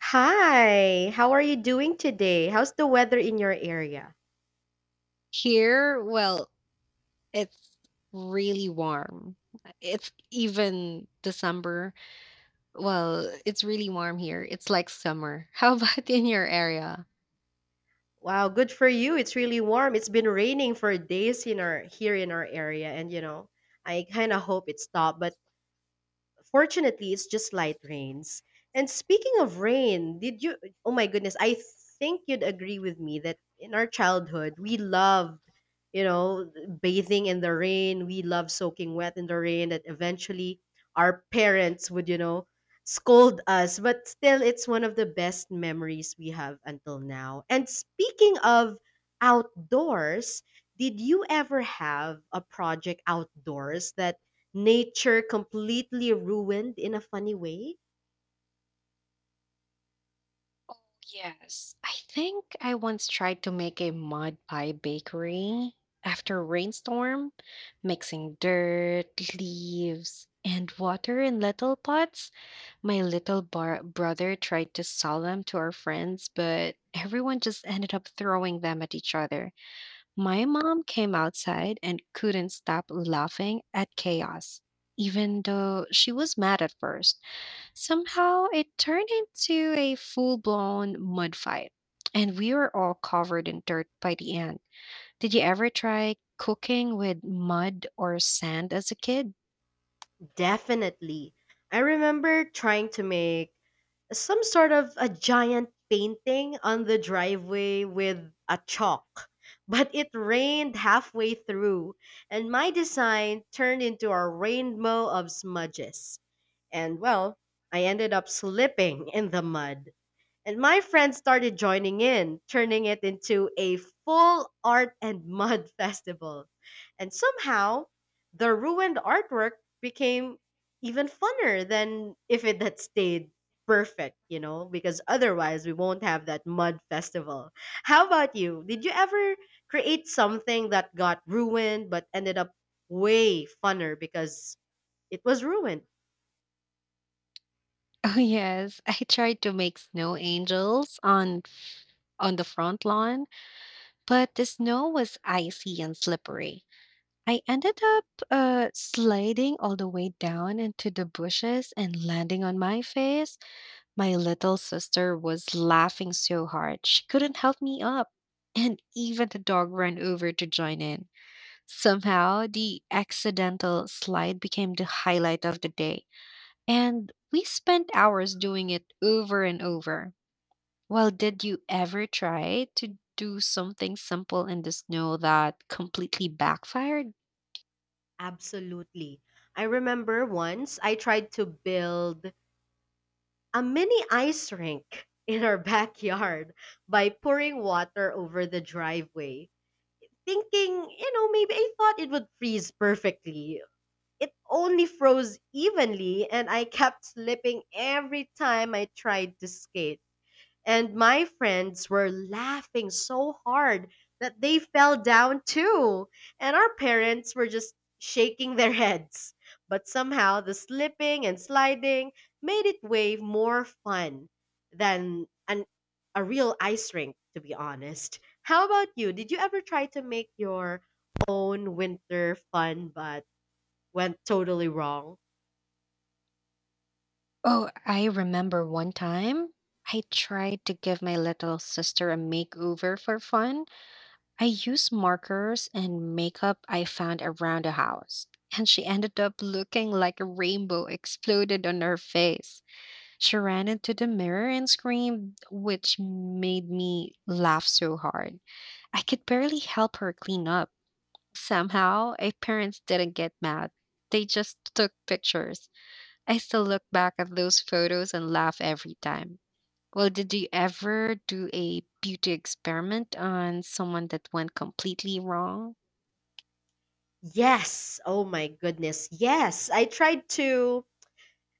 Hi, how are you doing today? How's the weather in your area? Here, well, it's really warm. It's even December. Well, it's really warm here. It's like summer. How about in your area? Wow, good for you. It's really warm. It's been raining for days in our here in our area, and I kind of hope it stopped, but fortunately, it's just light rains. And speaking of rain, did you? Oh my goodness, I think you'd agree with me that in our childhood, we loved, you know, bathing in the rain. We loved soaking wet in the rain. That eventually our parents would, scold us. But still, it's one of the best memories we have until now. And speaking of outdoors, did you ever have a project outdoors that nature completely ruined in a funny way? Yes, I think I once tried to make a mud pie bakery after a rainstorm, mixing dirt, leaves, and water in little pots. My little brother tried to sell them to our friends, but everyone just ended up throwing them at each other. My mom came outside and couldn't stop laughing at chaos. Even though she was mad at first, somehow it turned into a full blown mud fight. And we were all covered in dirt by the end. Did you ever try cooking with mud or sand as a kid? Definitely. I remember trying to make some sort of a giant painting on the driveway with a chalk, but it rained halfway through, and my design turned into a rainbow of smudges. And well, I ended up slipping in the mud. And my friends started joining in, turning it into a full art and mud festival. And somehow, the ruined artwork became even funner than if it had stayed perfect, because otherwise we won't have that mud festival. How about you? Did you ever create something that got ruined but ended up way funner because it was ruined? Oh yes, I tried to make snow angels on the front lawn, but the snow was icy and slippery. I ended up sliding all the way down into the bushes and landing on my face. My little sister was laughing so hard, she couldn't help me up. And even the dog ran over to join in. Somehow, the accidental slide became the highlight of the day. And we spent hours doing it over and over. Well, did you ever try to do something simple in the snow that completely backfired? Absolutely. I remember once I tried to build a mini ice rink in our backyard by pouring water over the driveway. Thinking, maybe I thought it would freeze perfectly. It only froze evenly, and I kept slipping every time I tried to skate. And my friends were laughing so hard that they fell down too. And our parents were just shaking their heads. But somehow the slipping and sliding made it way more fun than a real ice rink, to be honest. How about you? Did you ever try to make your own winter fun but went totally wrong? Oh, I remember one time I tried to give my little sister a makeover for fun. I used markers and makeup I found around the house, and she ended up looking like a rainbow exploded on her face. She ran into the mirror and screamed, which made me laugh so hard. I could barely help her clean up. Somehow, our parents didn't get mad. They just took pictures. I still look back at those photos and laugh every time. Well, did you ever do a beauty experiment on someone that went completely wrong? Yes. Oh my goodness. Yes.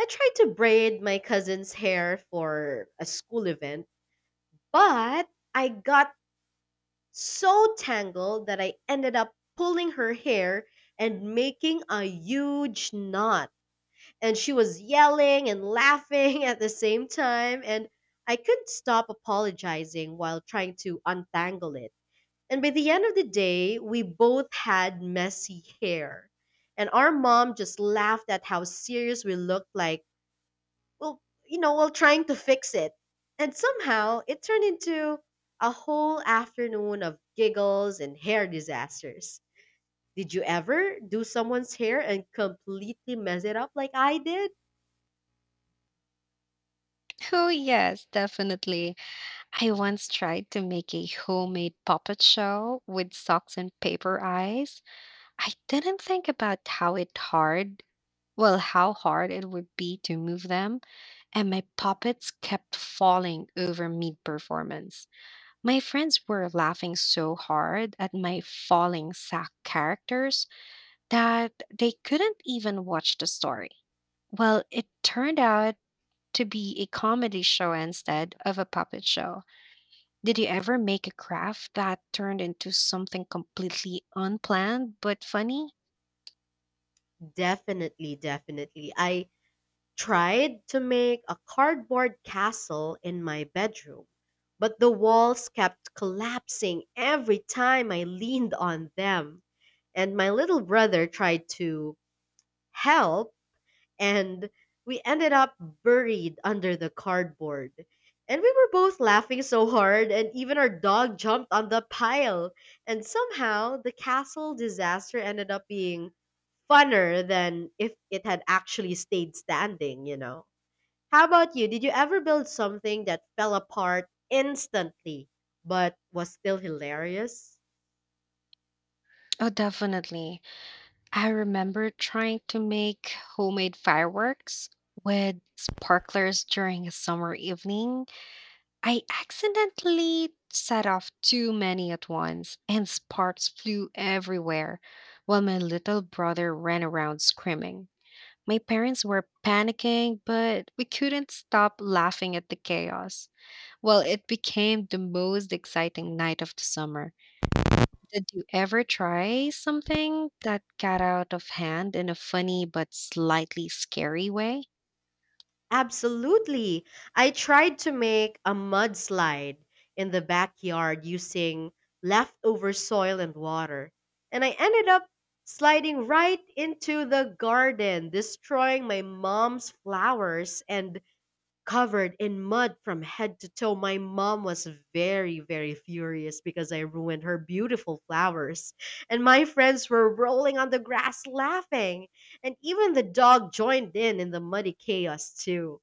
I tried to braid my cousin's hair for a school event, but I got so tangled that I ended up pulling her hair and making a huge knot. And she was yelling and laughing at the same time, and I couldn't stop apologizing while trying to untangle it. And by the end of the day, we both had messy hair. And our mom just laughed at how serious we looked like, well, while trying to fix it. And somehow it turned into a whole afternoon of giggles and hair disasters. Did you ever do someone's hair and completely mess it up like I did? Oh, yes, definitely. I once tried to make a homemade puppet show with socks and paper eyes. I didn't think about how it hard, well, how hard it would be to move them, and my puppets kept falling over mid performance. My friends were laughing so hard at my falling sack characters that they couldn't even watch the story. Well, it turned out to be a comedy show instead of a puppet show. Did you ever make a craft that turned into something completely unplanned but funny? Definitely. I tried to make a cardboard castle in my bedroom, but the walls kept collapsing every time I leaned on them. And my little brother tried to help and we ended up buried under the cardboard. And we were both laughing so hard, and even our dog jumped on the pile. And somehow, the castle disaster ended up being funner than if it had actually stayed standing, you know? How about you? Did you ever build something that fell apart instantly but was still hilarious? Oh, definitely. I remember trying to make homemade fireworks with sparklers during a summer evening. I accidentally set off too many at once, and sparks flew everywhere while my little brother ran around screaming. My parents were panicking, but we couldn't stop laughing at the chaos. Well, it became the most exciting night of the summer. Did you ever try something that got out of hand in a funny but slightly scary way? Absolutely. I tried to make a mudslide in the backyard using leftover soil and water, and I ended up sliding right into the garden, destroying my mom's flowers and covered in mud from head to toe. My mom was very, very furious because I ruined her beautiful flowers, and my friends were rolling on the grass laughing, and even the dog joined in the muddy chaos, too.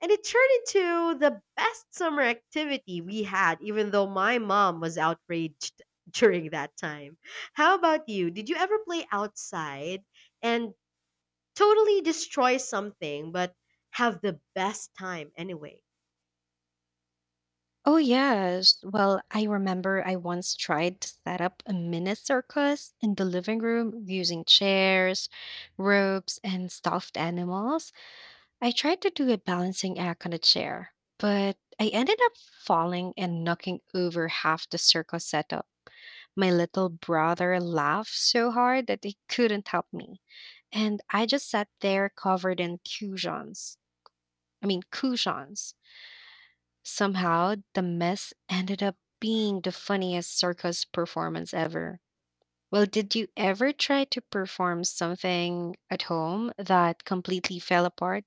And it turned into the best summer activity we had, even though my mom was outraged during that time. How about you? Did you ever play outside and totally destroy something, but have the best time anyway? Oh, yes. Well, I remember I once tried to set up a mini circus in the living room using chairs, ropes, and stuffed animals. I tried to do a balancing act on a chair, but I ended up falling and knocking over half the circus setup. My little brother laughed so hard that he couldn't help me, and I just sat there covered in cushions. I mean, cushions. Somehow, the mess ended up being the funniest circus performance ever. Well, did you ever try to perform something at home that completely fell apart?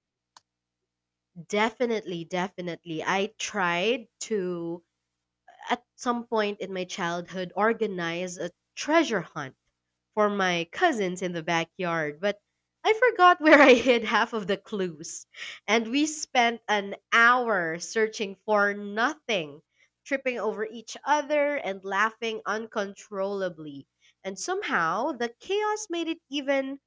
Definitely. I tried to, at some point in my childhood, organize a treasure hunt for my cousins in the backyard, but I forgot where I hid half of the clues. And we spent an hour searching for nothing, tripping over each other and laughing uncontrollably. And somehow the chaos made it even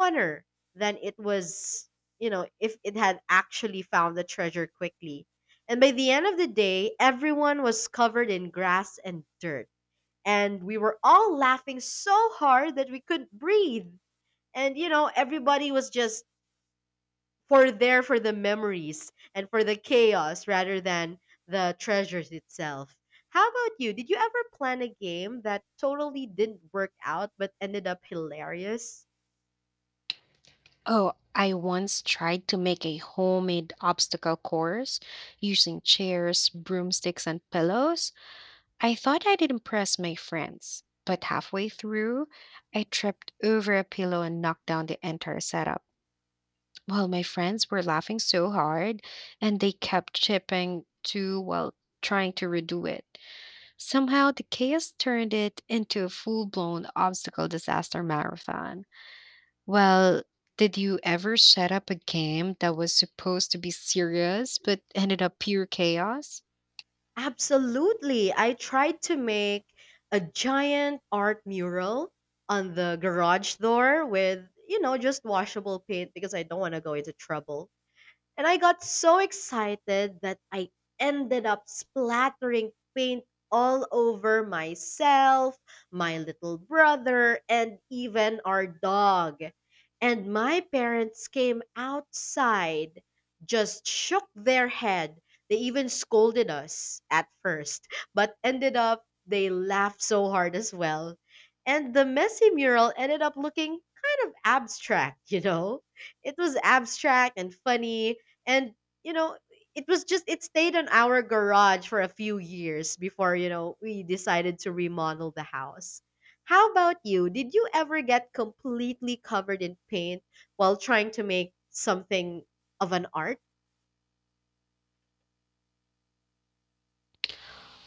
funner than it was, if it had actually found the treasure quickly. And by the end of the day, everyone was covered in grass and dirt, and we were all laughing so hard that we couldn't breathe. And everybody was just for there for the memories and for the chaos rather than the treasures itself. How about you? Did you ever plan a game that totally didn't work out but ended up hilarious? Oh, I once tried to make a homemade obstacle course using chairs, broomsticks, and pillows. I thought I'd impress my friends, but halfway through, I tripped over a pillow and knocked down the entire setup. Well, my friends were laughing so hard, and they kept chipping too while trying to redo it. Somehow, the chaos turned it into a full blown obstacle disaster marathon. Well, did you ever set up a game that was supposed to be serious but ended up pure chaos? Absolutely. I tried to make a giant art mural on the garage door with, just washable paint because I don't want to go into trouble. And I got so excited that I ended up splattering paint all over myself, my little brother, and even our dog. And my parents came outside, just shook their head. They even scolded us at first, but ended up they laughed so hard as well. And the messy mural ended up looking kind of abstract, you know? It was abstract and funny, and you know it was just it stayed in our garage for a few years before we decided to remodel the house. How about you? Did you ever get completely covered in paint while trying to make something of an art?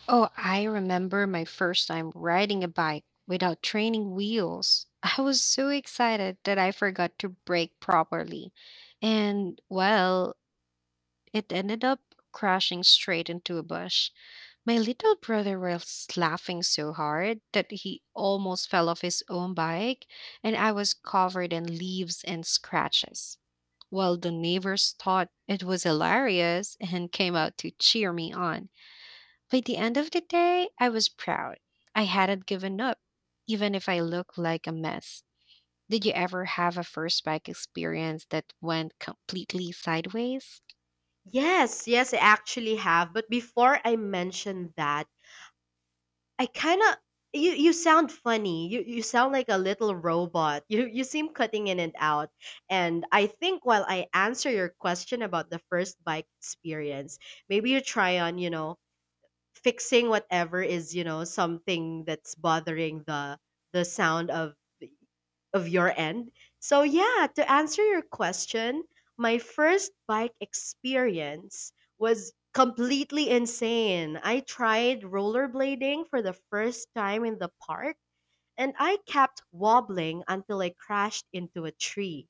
Oh, I remember my first time riding a bike without training wheels. I was so excited that I forgot to brake properly. And, well, it ended up crashing straight into a bush. My little brother was laughing so hard that he almost fell off his own bike, and I was covered in leaves and scratches. While the neighbors thought it was hilarious and came out to cheer me on. By the end of the day, I was proud. I hadn't given up, even if I looked like a mess. Did you ever have a first bike experience that went completely sideways? Yes, I actually have, but before I mention that, I kind of— you sound funny. You sound like a little robot. You seem cutting in and out. And I think while I answer your question about the first bike experience, maybe you try on, fixing whatever is, something that's bothering the sound of your end. So yeah, to answer your question, my first bike experience was completely insane. I tried rollerblading for the first time in the park, and I kept wobbling until I crashed into a tree.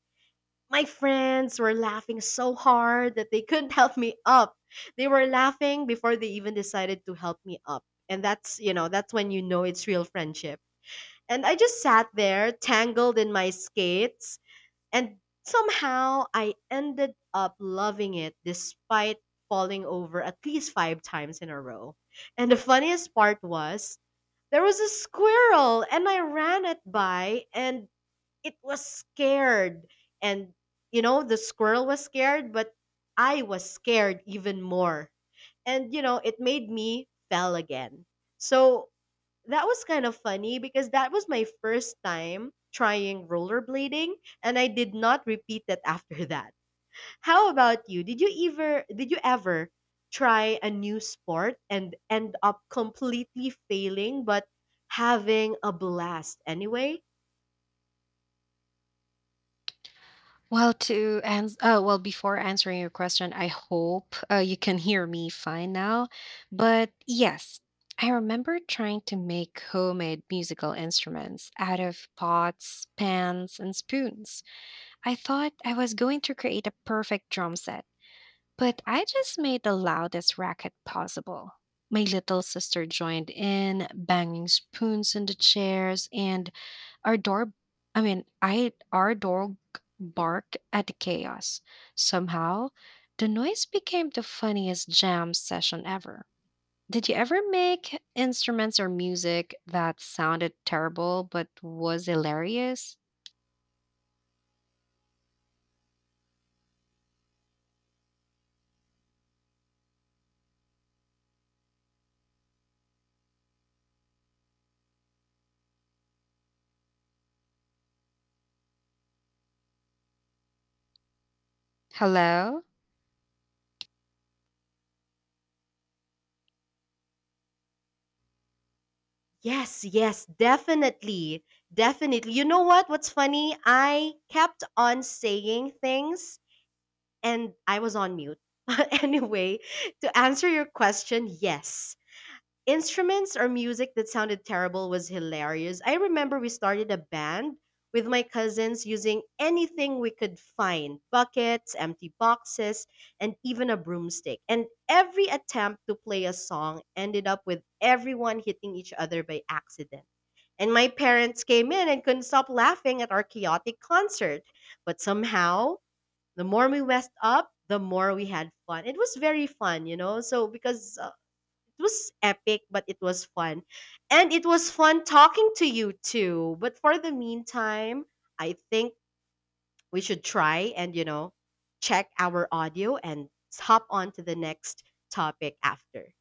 My friends were laughing so hard that they couldn't help me up. They were laughing before they even decided to help me up. And that's, that's when you know it's real friendship. And I just sat there, tangled in my skates, and somehow I ended up loving it despite falling over at least five times in a row. And the funniest part was there was a squirrel, and I ran it by, and it was scared. And, the squirrel was scared, but I was scared even more. And, it made me fell again. So that was kind of funny because that was my first time trying rollerblading, and I did not repeat it after that. How about you? Did you ever try a new sport and end up completely failing but having a blast anyway? Well, before answering your question, I hope you can hear me fine now. But yes, I remember trying to make homemade musical instruments out of pots, pans, and spoons. I thought I was going to create a perfect drum set, but I just made the loudest racket possible. My little sister joined in, banging spoons into chairs and our dog, I mean, I our dog barked at the chaos. Somehow, the noise became the funniest jam session ever. Did you ever make instruments or music that sounded terrible but was hilarious? Hello? Yes, definitely. You know what? What's funny? I kept on saying things and I was on mute. Anyway, to answer your question, yes. Instruments or music that sounded terrible was hilarious. I remember we started a band with my cousins using anything we could find: buckets, empty boxes, and even a broomstick. And every attempt to play a song ended up with everyone hitting each other by accident. And my parents came in and couldn't stop laughing at our chaotic concert. But somehow, the more we messed up, the more we had fun. It was very fun, you know. So because it was epic, but it was fun. And it was fun talking to you too. But for the meantime, I think we should try and, check our audio and hop on to the next topic after.